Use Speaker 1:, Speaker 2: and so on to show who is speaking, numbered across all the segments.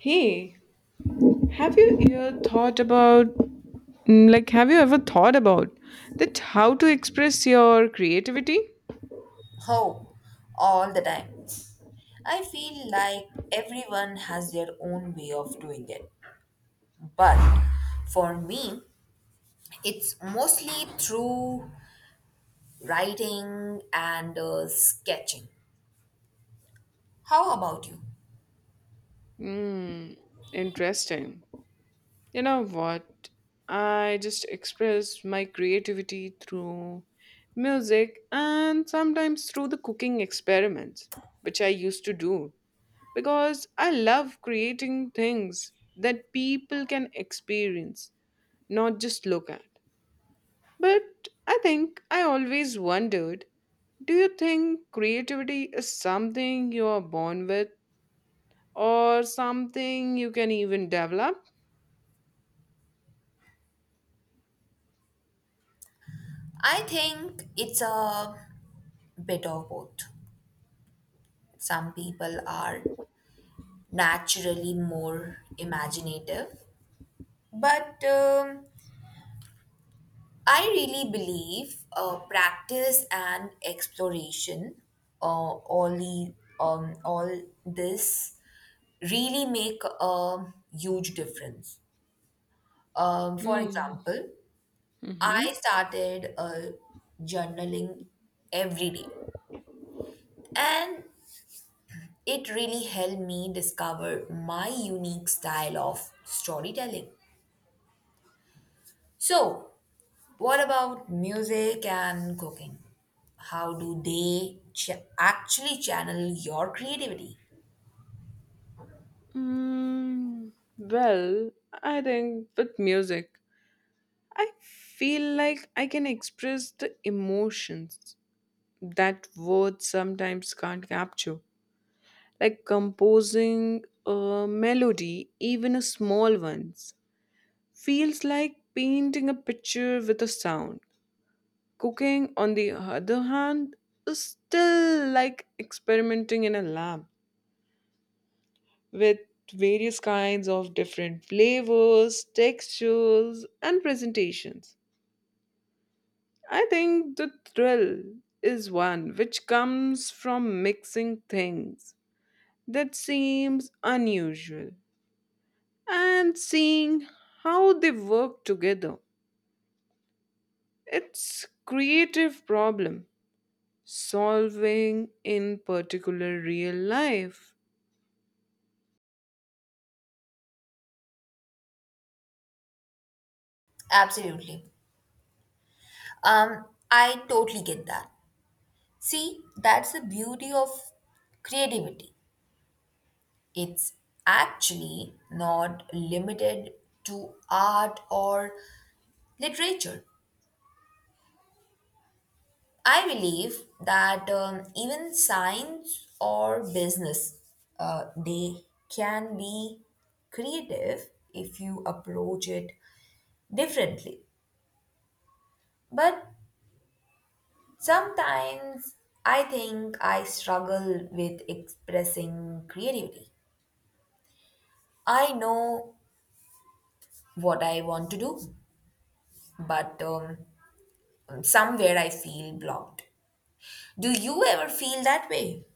Speaker 1: Hey, have you ever thought about, have you ever thought about that how to express your creativity?
Speaker 2: Oh, all the time. I feel like everyone has their own way of doing it. But for me, it's mostly through writing and sketching. How about you?
Speaker 1: Hmm, Interesting. You know what? I just express my creativity through music and sometimes through the cooking experiments, which I used to do because I love creating things that people can experience, not just look at. But I think I always wondered, do you think creativity is something you are born with or something you can even develop?
Speaker 2: I think it's a bit of both. Some people are naturally more imaginative, but I really believe practice and exploration, uh, all, the, all this really make a huge difference. For
Speaker 1: Mm.
Speaker 2: example, I
Speaker 1: Mm-hmm.
Speaker 2: started journaling every day, and it really helped me discover my unique style of storytelling. So, what about music and cooking? How do they actually channel your creativity?
Speaker 1: Mm, well, I think with music, I feel like I can express the emotions that words sometimes can't capture, like composing a melody, even a small ones feels like painting a picture with a sound. Cooking, on the other hand, is still like experimenting in a lab with various kinds of different flavors, textures, and presentations. I think the thrill is one which comes from mixing things that seems unusual and seeing how they work together. It's creative problem solving in particular real life?
Speaker 2: Absolutely. I totally get that. See, that's the beauty of creativity. It's actually not limited to art or literature. I believe that even science or business, they can be creative if you approach it differently. But sometimes I think I struggle with expressing creativity. I know what I want to do, but somewhere I feel blocked. Do you ever feel that way?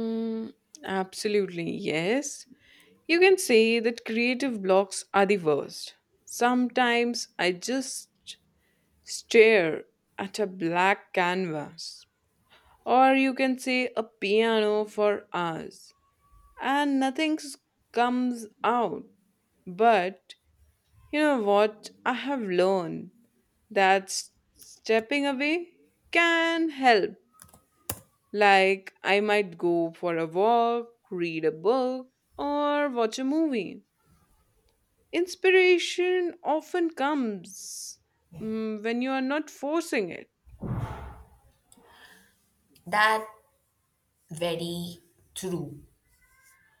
Speaker 1: Mm, Absolutely, yes. You can say that creative blocks are the worst. Sometimes I just stare at a black canvas, or you can say a piano for hours, and nothing comes out. But you know what? I have learned that stepping away can help. Like, I might go for a walk, read a book, or watch a movie. Inspiration often comes when you are not forcing it.
Speaker 2: That very true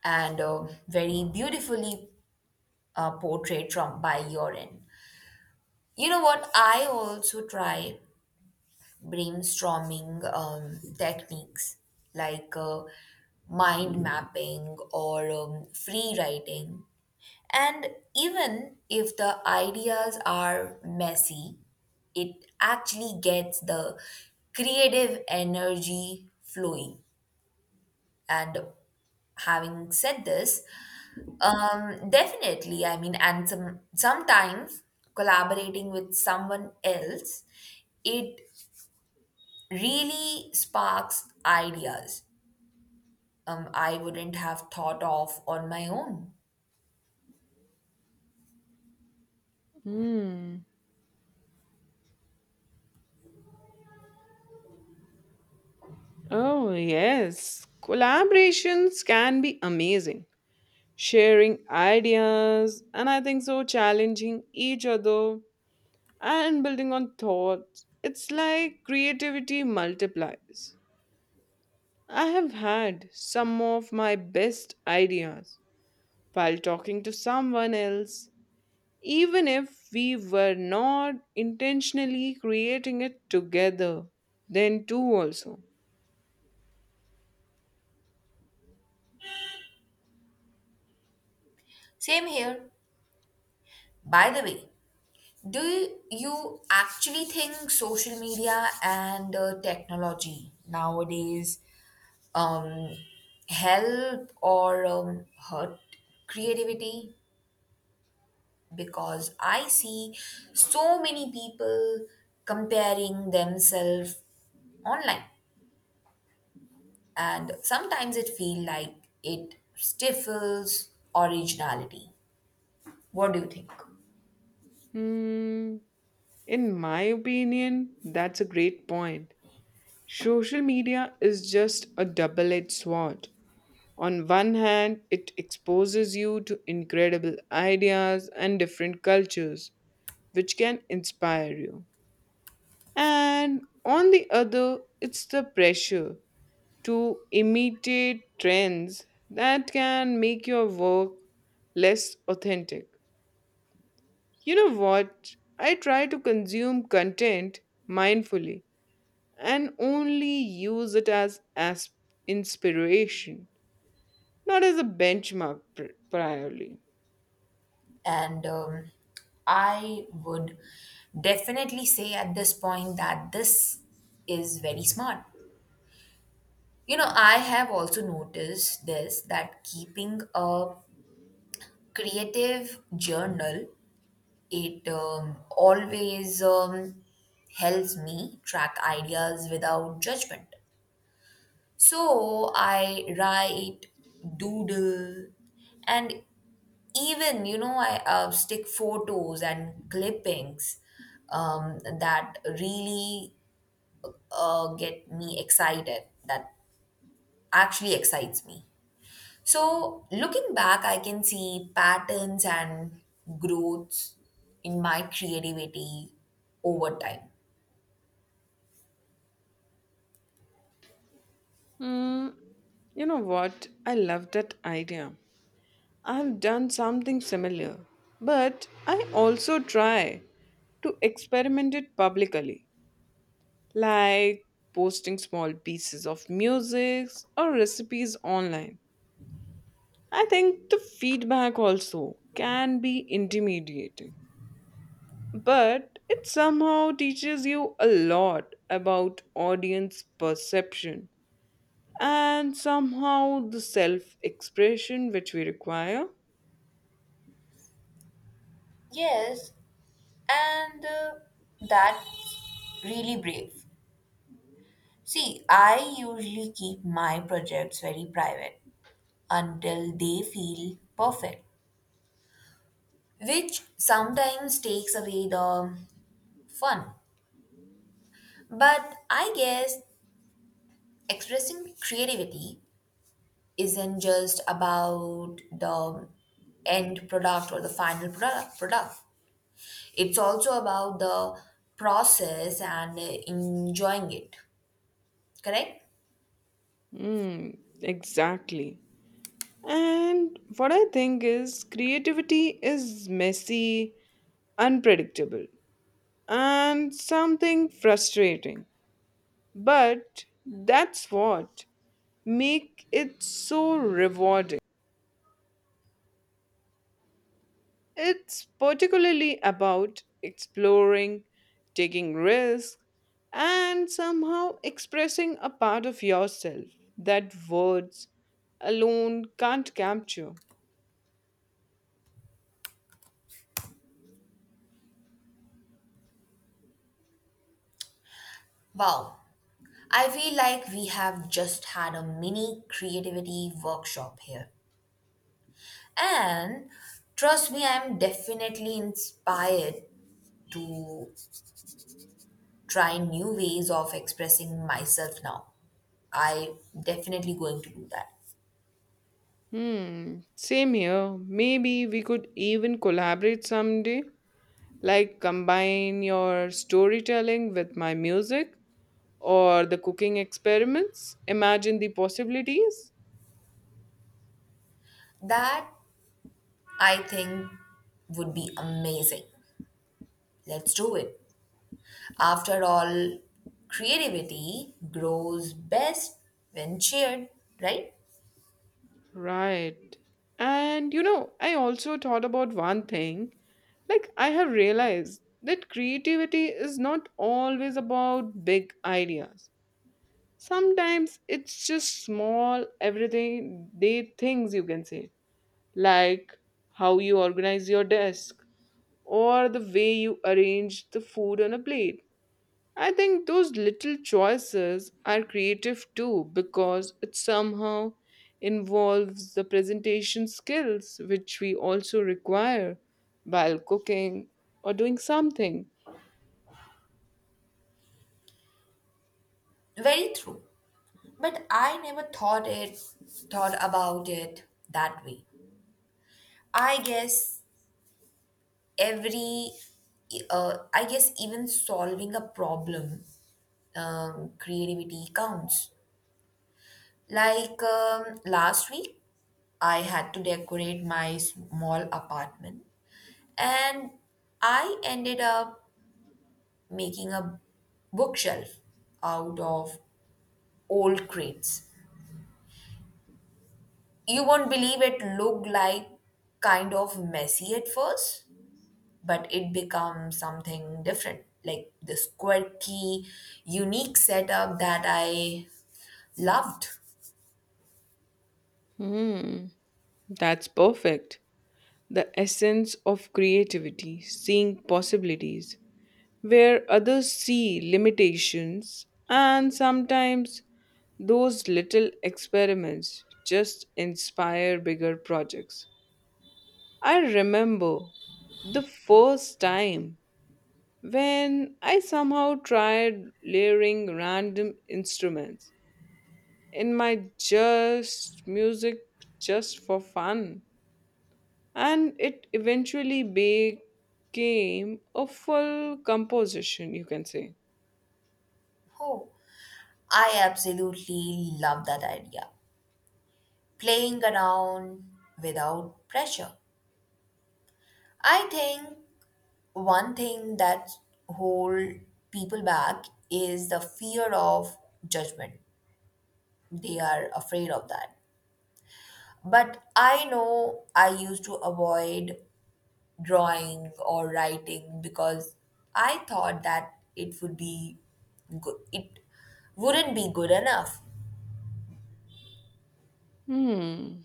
Speaker 2: and very beautifully portrayed from by your end. You know what? I also try brainstorming techniques like mind mapping or free writing. And even if the ideas are messy, it actually gets the creative energy flowing. And having said this, definitely. I mean, and sometimes collaborating with someone else, it really sparks ideas I wouldn't have thought of on my own.
Speaker 1: Hmm. Oh, yes. Collaborations can be amazing. Sharing ideas, and I think so, challenging each other and building on thoughts. It's like creativity multiplies. I have had some of my best ideas while talking to someone else, even if we were not intentionally creating it together. Then, too, also.
Speaker 2: Same here. By the way, do you actually think social media and technology nowadays um, help or hurt creativity? Because I see so many people comparing themselves online, and sometimes it feels like it stifles originality. What do you think?
Speaker 1: Hmm, in my opinion, that's a great point. Social media is just a double edged sword. On one hand, it exposes you to incredible ideas and different cultures, which can inspire you. And on the other, it's the pressure to imitate trends that can make your work less authentic. You know what? I try to consume content mindfully and only use it as inspiration, not as a benchmark priorly.
Speaker 2: And I would definitely say at this point that this is very smart. You know, I have also noticed this, that keeping a creative journal, it always helps me track ideas without judgment. So I write, doodle, and even I stick photos and clippings that really get me excited. That actually excites me. So, looking back, I can see patterns and growths in my creativity over time.
Speaker 1: Hmm, you know what? I love that idea. I've done something similar, but I also try to experiment it publicly, like posting small pieces of music or recipes online. I think the feedback also can be intimidating, but it somehow teaches you a lot about audience perception and somehow the self expression which we require.
Speaker 2: Yes, and that's really brave. See, I usually keep my projects very private until they feel perfect, which sometimes takes away the fun. But I guess expressing creativity isn't just about the end product or the final product. It's also about the process and enjoying it. Correct?
Speaker 1: Hmm, exactly. And what I think is, creativity is messy, unpredictable, and something frustrating. But that's what make it so rewarding. It's particularly about exploring, taking risks, and somehow expressing a part of yourself that words alone can't capture.
Speaker 2: Wow. I feel like we have just had a mini creativity workshop here. And trust me, I'm definitely inspired to try new ways of expressing myself now. I definitely going to do that.
Speaker 1: Same here. Maybe we could even collaborate someday. Like, combine your storytelling with my music or the cooking experiments. Imagine the possibilities.
Speaker 2: That I think would be amazing. Let's do it. After all, creativity grows best when shared, right?
Speaker 1: Right. And you know, I also thought about one thing. Like, I have realized that creativity is not always about big ideas. Sometimes it's just small, everyday things you can say, like how you organize your desk or the way you arrange the food on a plate. I think those little choices are creative too, because it somehow involves the presentation skills which we also require while cooking or doing something.
Speaker 2: Very true. But I never thought about it that way. I guess every even solving a problem, creativity counts. Like last week, I had to decorate my small apartment, and I ended up making a bookshelf out of old crates. You won't believe it, looked like kind of messy at first, but it becomes something different, like this quirky, unique setup that I loved.
Speaker 1: Hmm, that's perfect. The essence of creativity, seeing possibilities where others see limitations, and sometimes those little experiments just inspire bigger projects. I remember the first time when I somehow tried layering random instruments in my just music just for fun, and it eventually became a full composition, you can say.
Speaker 2: Oh, I absolutely love that idea. Playing around without pressure. I think one thing that hold people back is the fear of judgment. They are afraid of that. But I know I used to avoid drawing or writing because I thought that It wouldn't be good enough.
Speaker 1: Hmm,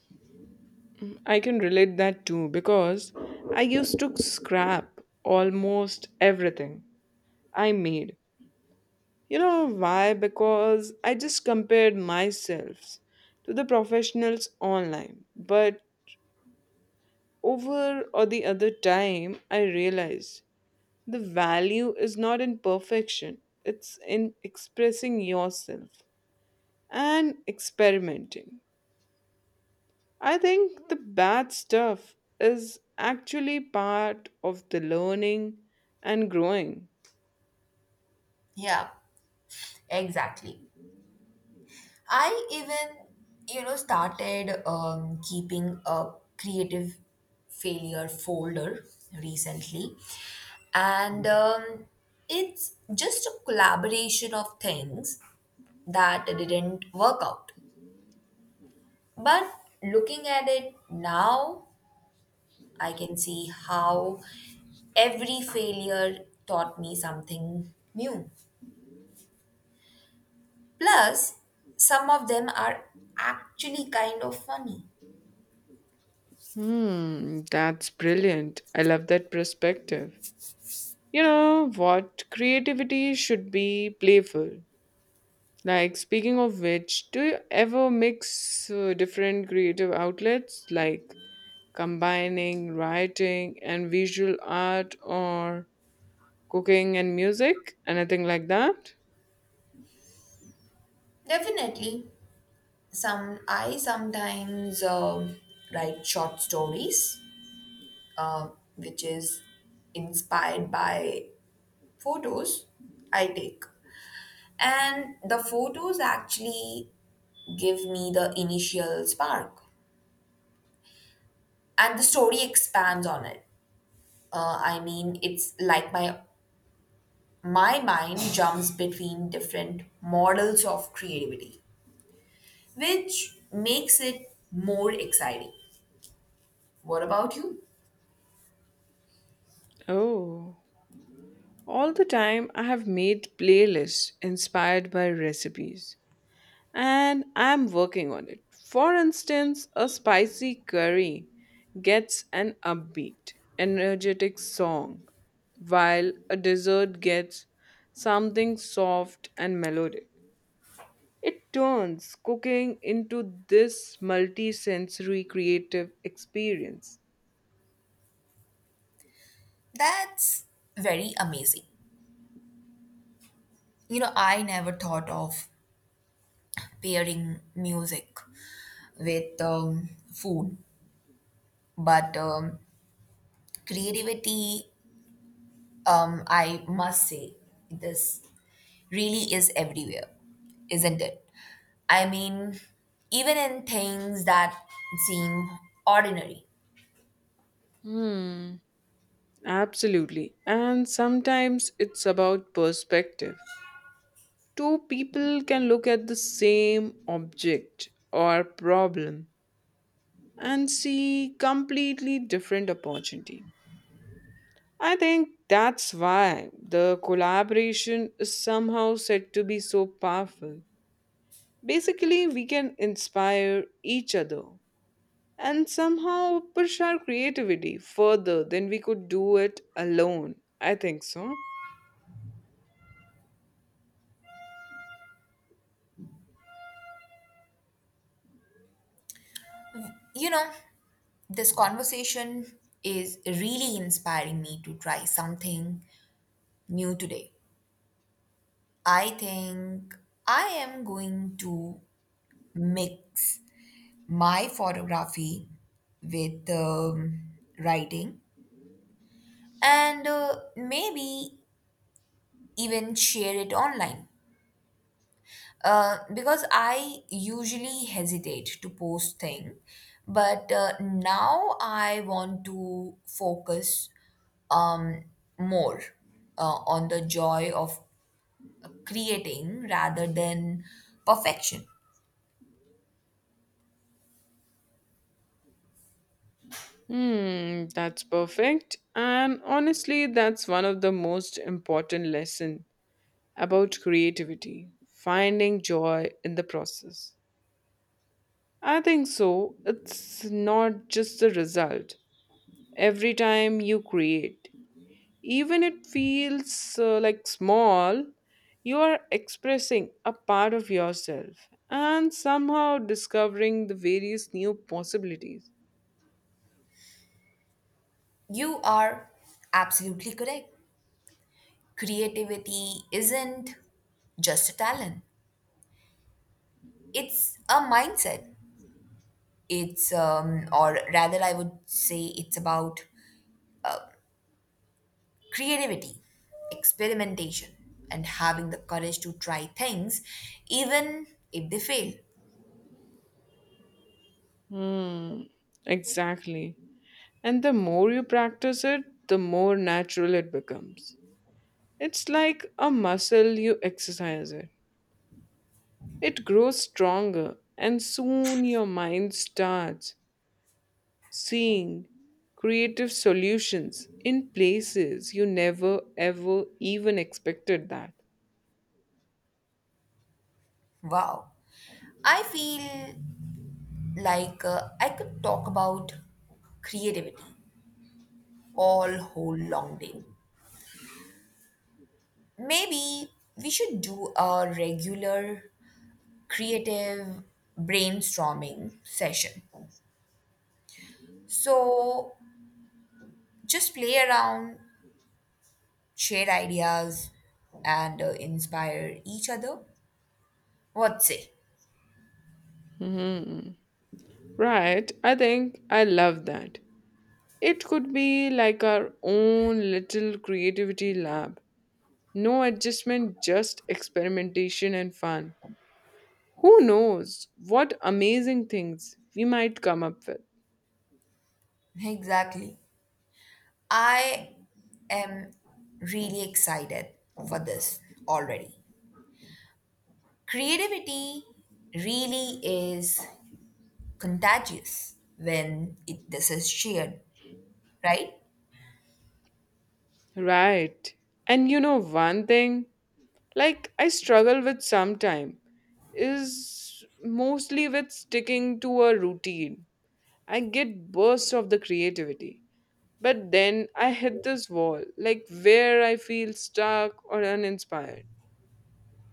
Speaker 1: I can relate that too, because I used to scrap almost everything I made. You know why? Because I just compared myself to the professionals online. But over or the other time, I realized the value is not in perfection, it's in expressing yourself and experimenting. I think the bad stuff is actually part of the learning and growing.
Speaker 2: Yeah, exactly. I even started keeping a creative failure folder recently. And it's just a collaboration of things that didn't work out. But looking at it now, I can see how every failure taught me something new. Plus, some of them are actually kind of funny.
Speaker 1: That's brilliant. I love that perspective. You know what? Creativity should be playful. Like, speaking of which, do you ever mix different creative outlets, like combining writing and visual art or cooking and music? Anything like that?
Speaker 2: Definitely, some I sometimes write short stories, uh, which is inspired by photos I take, and the photos actually give me the initial spark, and the story expands on it. I mean, it's like my mind jumps between different models of creativity, which makes it more exciting. What about you?
Speaker 1: Oh, all the time I have made playlists inspired by recipes. And I'm working on it. For instance, a spicy curry gets an upbeat, energetic song, while a dessert gets something soft and melodic. It turns cooking into this multi-sensory creative experience.
Speaker 2: That's very amazing. You know, I never thought of pairing music with food, but creativity, I must say, this really is everywhere, isn't it? I mean, even in things that seem ordinary.
Speaker 1: Hmm, Absolutely. And sometimes it's about perspective. Two people can look at the same object or problem and see completely different opportunity. I think that's why the collaboration is somehow said to be so powerful. Basically, we can inspire each other and somehow push our creativity further than we could do it alone. I think so.
Speaker 2: You know, this conversation is really inspiring me to try something new today. I think I am going to mix my photography with writing and maybe even share it online. Because I usually hesitate to post thing, but now I want to focus um, more on the joy of creating rather than perfection.
Speaker 1: That's perfect. And honestly, that's one of the most important lesson about creativity, finding joy in the process. I think so. It's not just the result. Every time you create, even it feels like small, you are expressing a part of yourself and somehow discovering the various new possibilities.
Speaker 2: You are absolutely correct. Creativity isn't just a talent. It's a mindset. It's or rather, I would say it's about creativity, experimentation, and having the courage to try things even if they fail.
Speaker 1: Hmm, exactly. And the more you practice it, the more natural it becomes. It's like a muscle, you exercise it. It grows stronger, and soon your mind starts seeing creative solutions in places you never ever even expected that.
Speaker 2: Wow. I feel like I could talk about creativity all whole long day. Maybe we should do a regular creative brainstorming session. So just play around, share ideas, and inspire each other. What say?
Speaker 1: Hmm. Right, I think I love that. It could be like our own little creativity lab. No adjustment, just experimentation and fun. Who knows what amazing things we might come up with?
Speaker 2: Exactly. I am really excited for this already. Creativity really is contagious when this is shared, right?
Speaker 1: Right. And you know, one thing, like I struggle with sometime is mostly with sticking to a routine. I get bursts of the creativity, but then I hit this wall, like where I feel stuck or uninspired.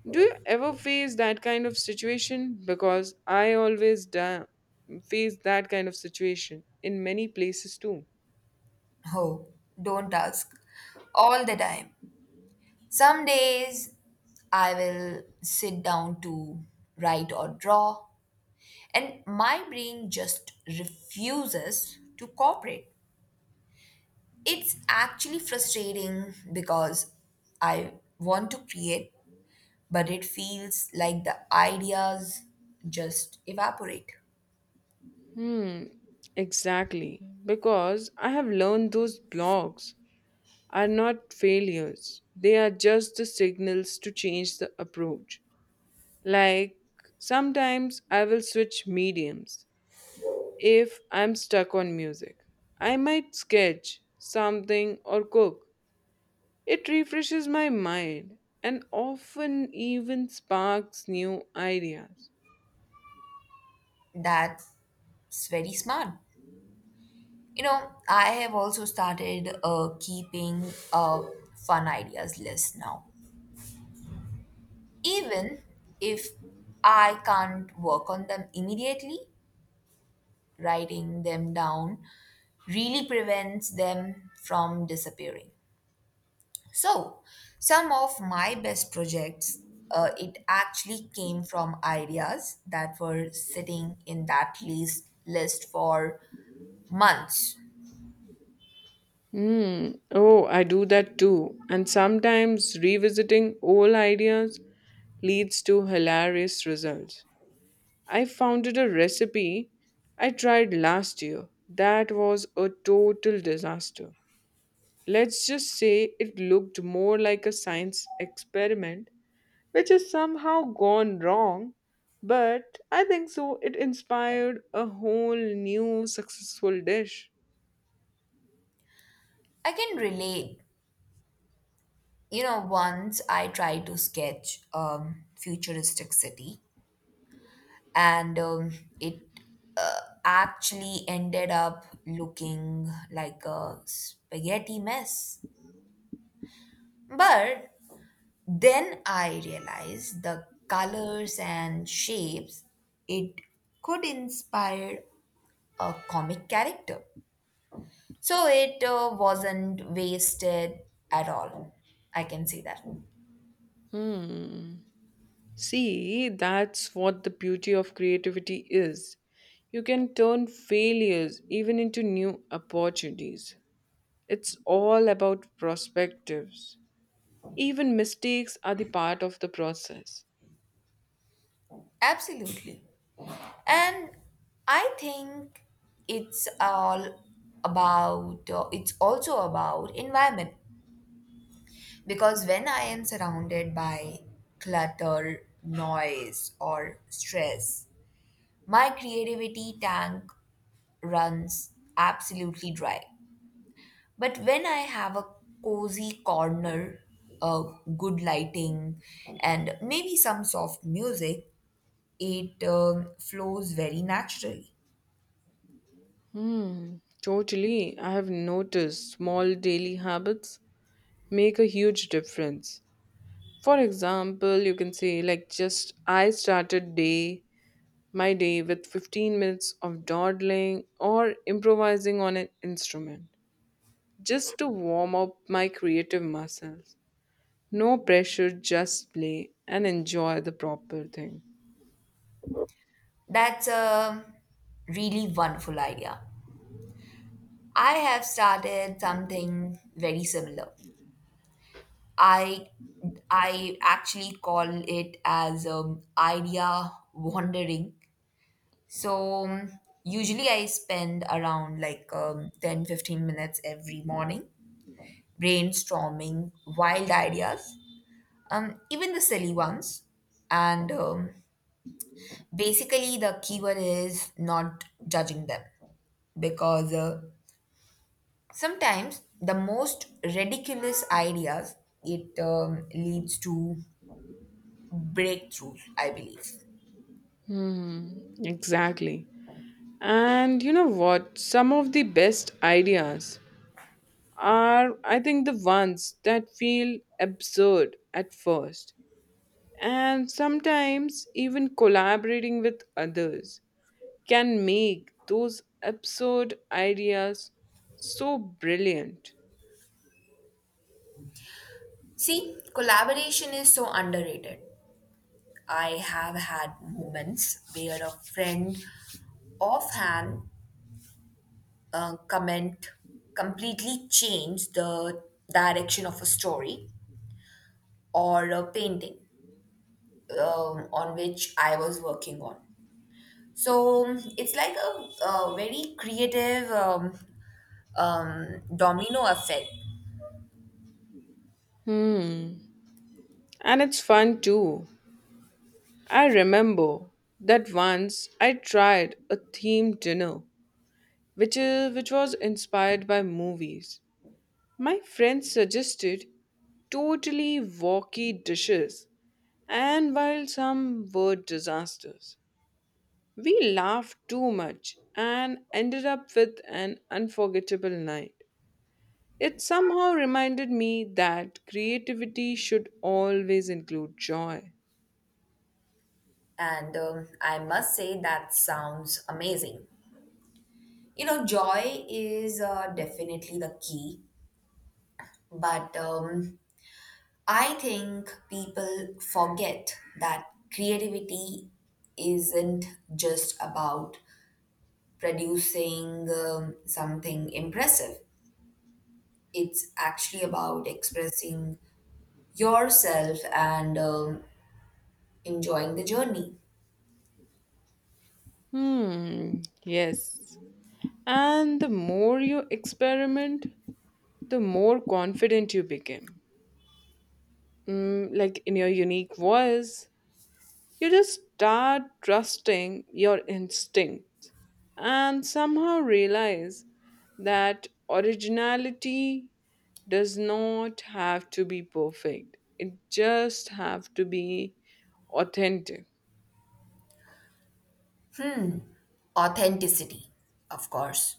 Speaker 1: Do you ever face that kind of situation? Because I always face that kind of situation in many places too.
Speaker 2: Oh, don't ask. All the time. Some days I will sit down to write or draw, and my brain just refuses to cooperate. It's actually frustrating because I want to create, but it feels like the ideas just evaporate.
Speaker 1: Hmm, exactly. Because I have learned those blogs are not failures, they are just the signals to change the approach. Like, sometimes I will switch mediums if I'm stuck on music. I might sketch something or cook. It refreshes my mind and often even sparks new ideas.
Speaker 2: That's very smart. You know, I have also started keeping a fun ideas list now. Even if I can't work on them immediately, writing them down really prevents them from disappearing. So, some of my best projects, it actually came from ideas that were sitting in that list for months.
Speaker 1: Hmm. Oh, I do that too. And sometimes revisiting old ideas leads to hilarious results. I founded a recipe I tried last year. That was a total disaster. Let's just say it looked more like a science experiment, which has somehow gone wrong. But I think so, it inspired a whole new successful dish.
Speaker 2: I can relate. You know, once I tried to sketch futuristic city, and it actually ended up looking like a spaghetti mess. But then I realized the colors and shapes, it could inspire a comic character. So it wasn't wasted at all. I can say that.
Speaker 1: Hmm. See, that's what the beauty of creativity is. You can turn failures even into new opportunities. It's all about perspectives. Even mistakes are the part of the process.
Speaker 2: Absolutely. And I think it's all it's also about environment. Because when I am surrounded by clutter, noise, or stress, my creativity tank runs absolutely dry. But when I have a cozy corner, uh, good lighting, and maybe some soft music, it flows very naturally.
Speaker 1: Hmm, Totally. I have noticed small daily habits make a huge difference. For example, you can say, like, just I started day my day with 15 minutes of dawdling or improvising on an instrument just to warm up my creative muscles. No pressure, just play and enjoy the proper thing.
Speaker 2: That's a really wonderful idea. I have started something very similar. I I actually call it as idea wandering. So usually I spend around like 10-15 minutes every morning brainstorming wild ideas, even the silly ones. And basically, the keyword is not judging them, because sometimes the most ridiculous ideas, it leads to breakthroughs, I believe.
Speaker 1: Hmm, exactly. And you know what? Some of the best ideas are, I think, the ones that feel absurd at first. And sometimes even collaborating with others can make those absurd ideas so brilliant.
Speaker 2: See, collaboration is so underrated. I have had moments where a friend offhand comment completely changed the direction of a story or a painting on which I was working on. So it's like a very creative domino effect.
Speaker 1: Hmm. And it's fun too. I remember that once I tried a themed dinner, which was inspired by movies. My friend suggested totally wacky dishes, and while some were disasters, we laughed too much and ended up with an unforgettable night. It somehow reminded me that creativity should always include joy.
Speaker 2: And I must say that sounds amazing. You know, joy is definitely the key, but I think people forget that creativity isn't just about producing something impressive. It's actually about expressing yourself and enjoying the journey.
Speaker 1: Yes. And the more you experiment, the more confident you become. Like, in your unique voice, you just start trusting your instinct and somehow realize that originality does not have to be perfect. It just have to be authentic.
Speaker 2: Authenticity, of course.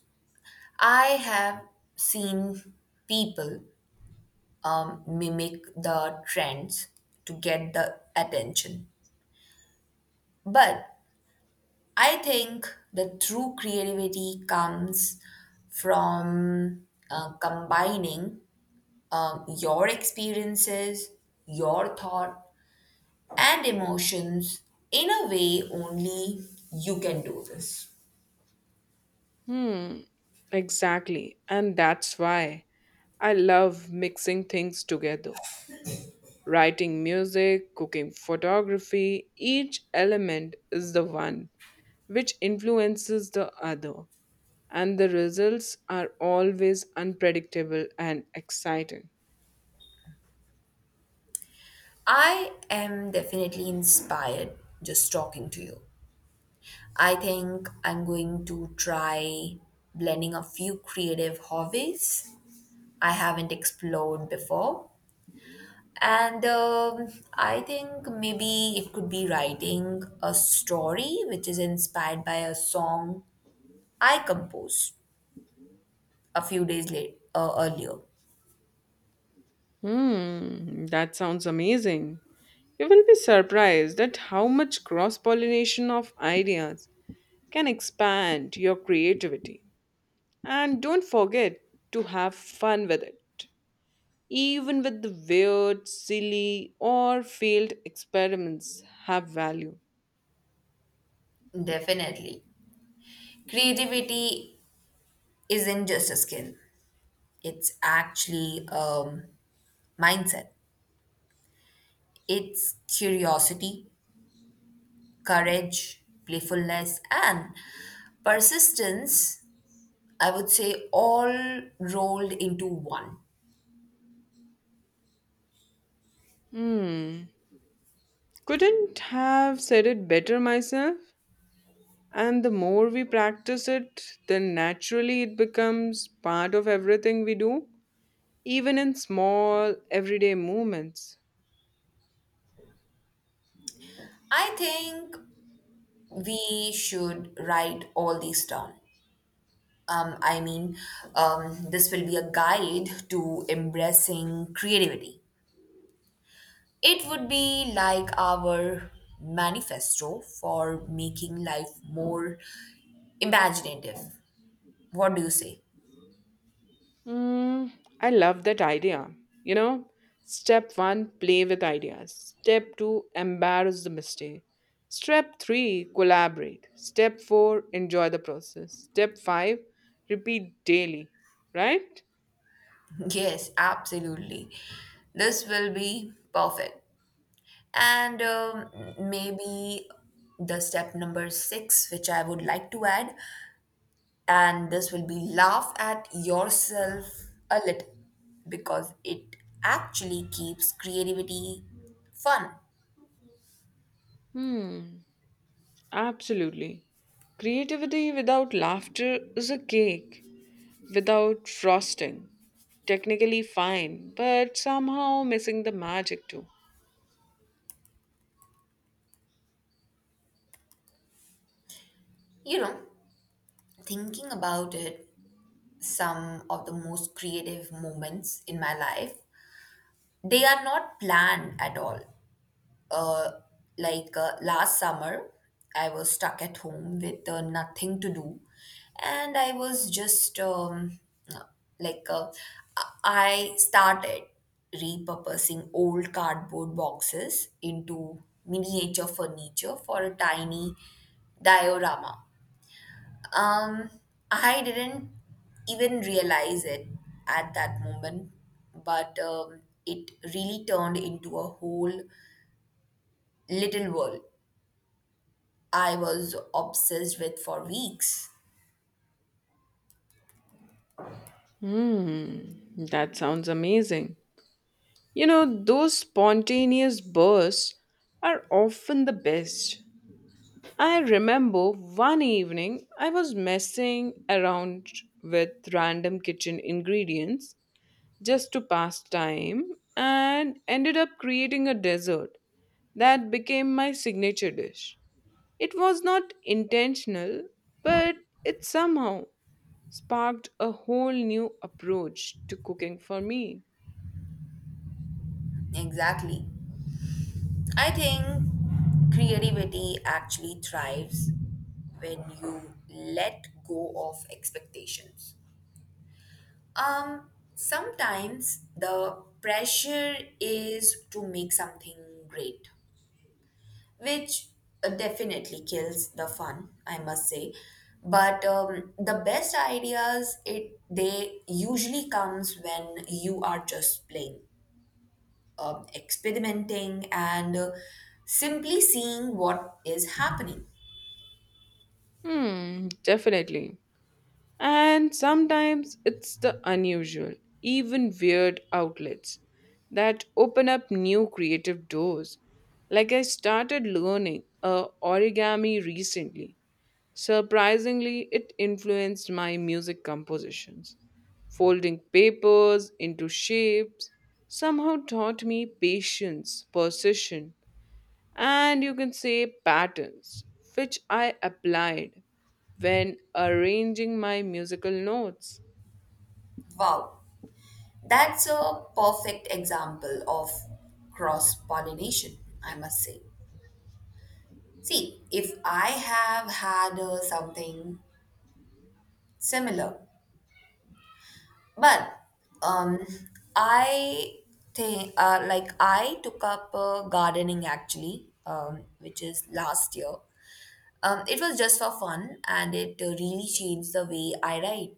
Speaker 2: I have seen people mimic the trends to get the attention, but I think the true creativity comes from combining your experiences, your thought, and emotions in a way only you can do this.
Speaker 1: Hmm, exactly. And that's why I love mixing things together. Writing music, cooking photography, each element is the one which influences the other, and the results are always unpredictable and exciting.
Speaker 2: I am definitely inspired just talking to you. I think I'm going to try blending a few creative hobbies I haven't explored before. And I think maybe it could be writing a story which is inspired by a song I composed a few days late earlier.
Speaker 1: That sounds amazing. You will be surprised at how much cross pollination of ideas can expand your creativity. And don't forget to have fun with it. Even with the weird, silly, or failed experiments have value.
Speaker 2: Definitely. Creativity isn't just a skill, it's actually a mindset. It's curiosity, courage, playfulness, and persistence, I would say, all rolled into one.
Speaker 1: Hmm, couldn't have said it better myself. And the more we practice it, then naturally it becomes part of everything we do, even in small, everyday moments.
Speaker 2: I think we should write all these down. I mean, this will be a guide to embracing creativity. It would be like our manifesto for making life more imaginative. What do you say?
Speaker 1: Mm, I love that idea. You know, step one, play with ideas. Step two, embarrass the mistake. Step three, collaborate. Step four, enjoy the process. Step five, repeat daily. Right?
Speaker 2: Yes, absolutely. This will be perfect. And maybe the step number six, which I would like to add, and this will be laugh at yourself a little because it actually keeps creativity fun.
Speaker 1: Hmm, Absolutely. Creativity without laughter is a cake without frosting. Technically fine, but somehow missing the magic too.
Speaker 2: You know, thinking about it, some of the most creative moments in my life, they are not planned at all. uh, like last summer, I was stuck at home with nothing to do, and I was just uh, like I started repurposing old cardboard boxes into miniature furniture for a tiny diorama. Um, I didn't even realize it at that moment, but it really turned into a whole little world I was obsessed with for weeks.
Speaker 1: Hmm, that sounds amazing. You know, those spontaneous bursts are often the best. I remember one evening I was messing around with random kitchen ingredients just to pass time and ended up creating a dessert that became my signature dish. It was not intentional, but it somehow sparked a whole new approach to cooking for me.
Speaker 2: Exactly. I think creativity actually thrives when you let go of expectations. Sometimes the pressure is to make something great, which definitely kills the fun, I must say. But the best ideas, it they usually comes when you are just playing, experimenting, and simply seeing what is happening.
Speaker 1: Definitely. And sometimes it's the unusual, even weird outlets that open up new creative doors. Like, I started learning origami recently. Surprisingly, it influenced my music compositions. Folding papers into shapes somehow taught me patience, precision, and you can say patterns, which I applied when arranging my musical notes.
Speaker 2: Wow, that's a perfect example of cross pollination, I must say. See, if I have had something similar, but um, I think like I took up gardening actually, which is last year. It was just for fun, and it really changed the way I write.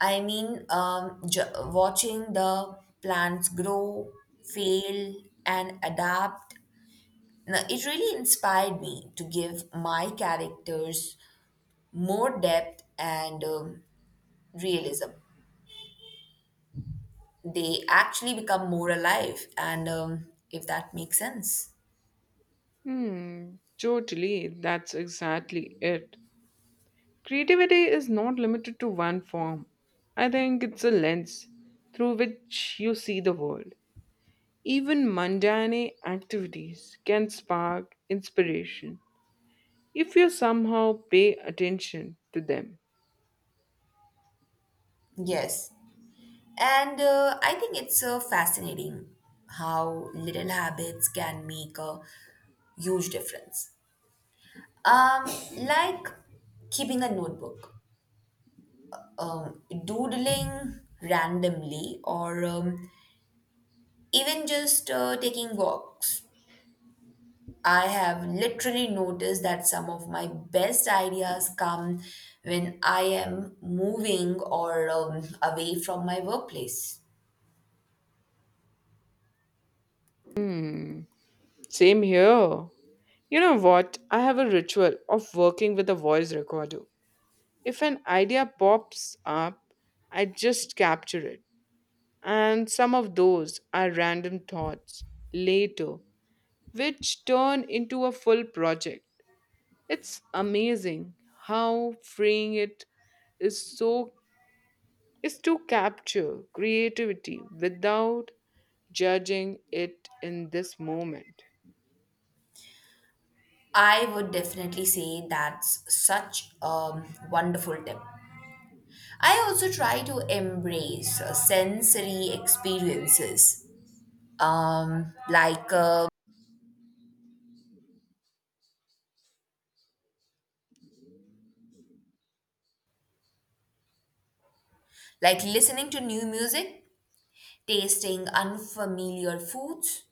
Speaker 2: I mean, watching the plants grow, fail, and adapt, it really inspired me to give my characters more depth and realism. They actually become more alive, and if that makes sense.
Speaker 1: Hmm, Totally, that's exactly it. Creativity is not limited to one form. I think it's a lens through which you see the world. Even mundane activities can spark inspiration if you somehow pay attention to them.
Speaker 2: Yes. And I think it's fascinating how little habits can make a huge difference. Um, like keeping a notebook, doodling randomly, or even just taking walks. I have literally noticed that some of my best ideas come when I am moving or away from my workplace.
Speaker 1: Hmm, Same here. You know what? I have a ritual of working with a voice recorder. If an idea pops up, I just capture it. And some of those are random thoughts later, which turn into a full project. It's amazing how freeing it is so is to capture creativity without judging it in this moment.
Speaker 2: I would definitely say that's such a wonderful tip. I also try to embrace sensory experiences, um, like uh, like listening to new music, tasting unfamiliar foods,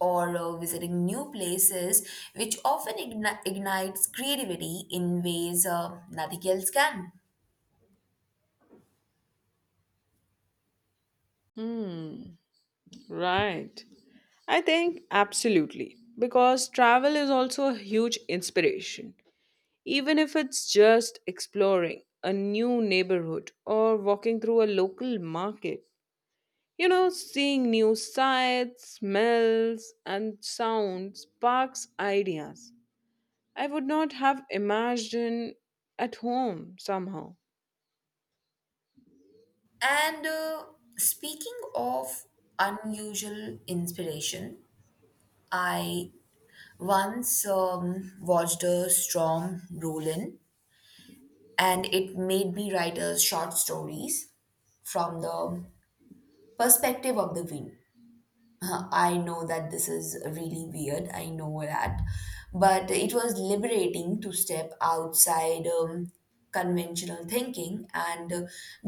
Speaker 2: or visiting new places, which often ignites creativity in ways nothing else can.
Speaker 1: Hmm, right. I think absolutely. Because travel is also a huge inspiration, even if it's just exploring a new neighborhood or walking through a local market. You know, seeing new sights, smells, and sounds sparks ideas. I would not have imagined at home somehow.
Speaker 2: And speaking of unusual inspiration, I once watched a storm roll in, and it made me write a short stories from the perspective of the wind. I know that this is really weird. I know that. But it was liberating to step outside conventional thinking and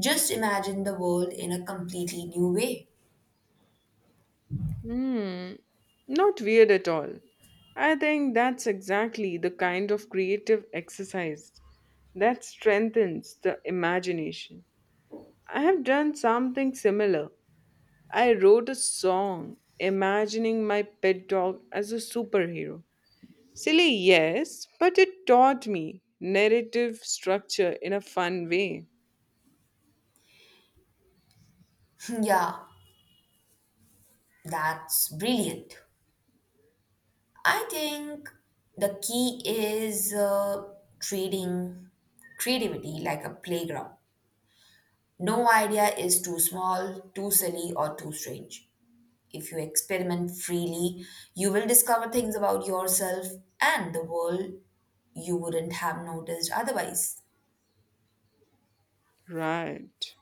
Speaker 2: just imagine the world in a completely new way.
Speaker 1: Hmm, Not weird at all. I think that's exactly the kind of creative exercise that strengthens the imagination. I have done something similar. I wrote a song imagining my pet dog as a superhero. Silly, yes, but it taught me narrative structure in a fun way.
Speaker 2: Yeah, that's brilliant. I think the key is treating creativity like a playground. No idea is too small, too silly, or too strange. If you experiment freely, you will discover things about yourself and the world you wouldn't have noticed otherwise.
Speaker 1: Right.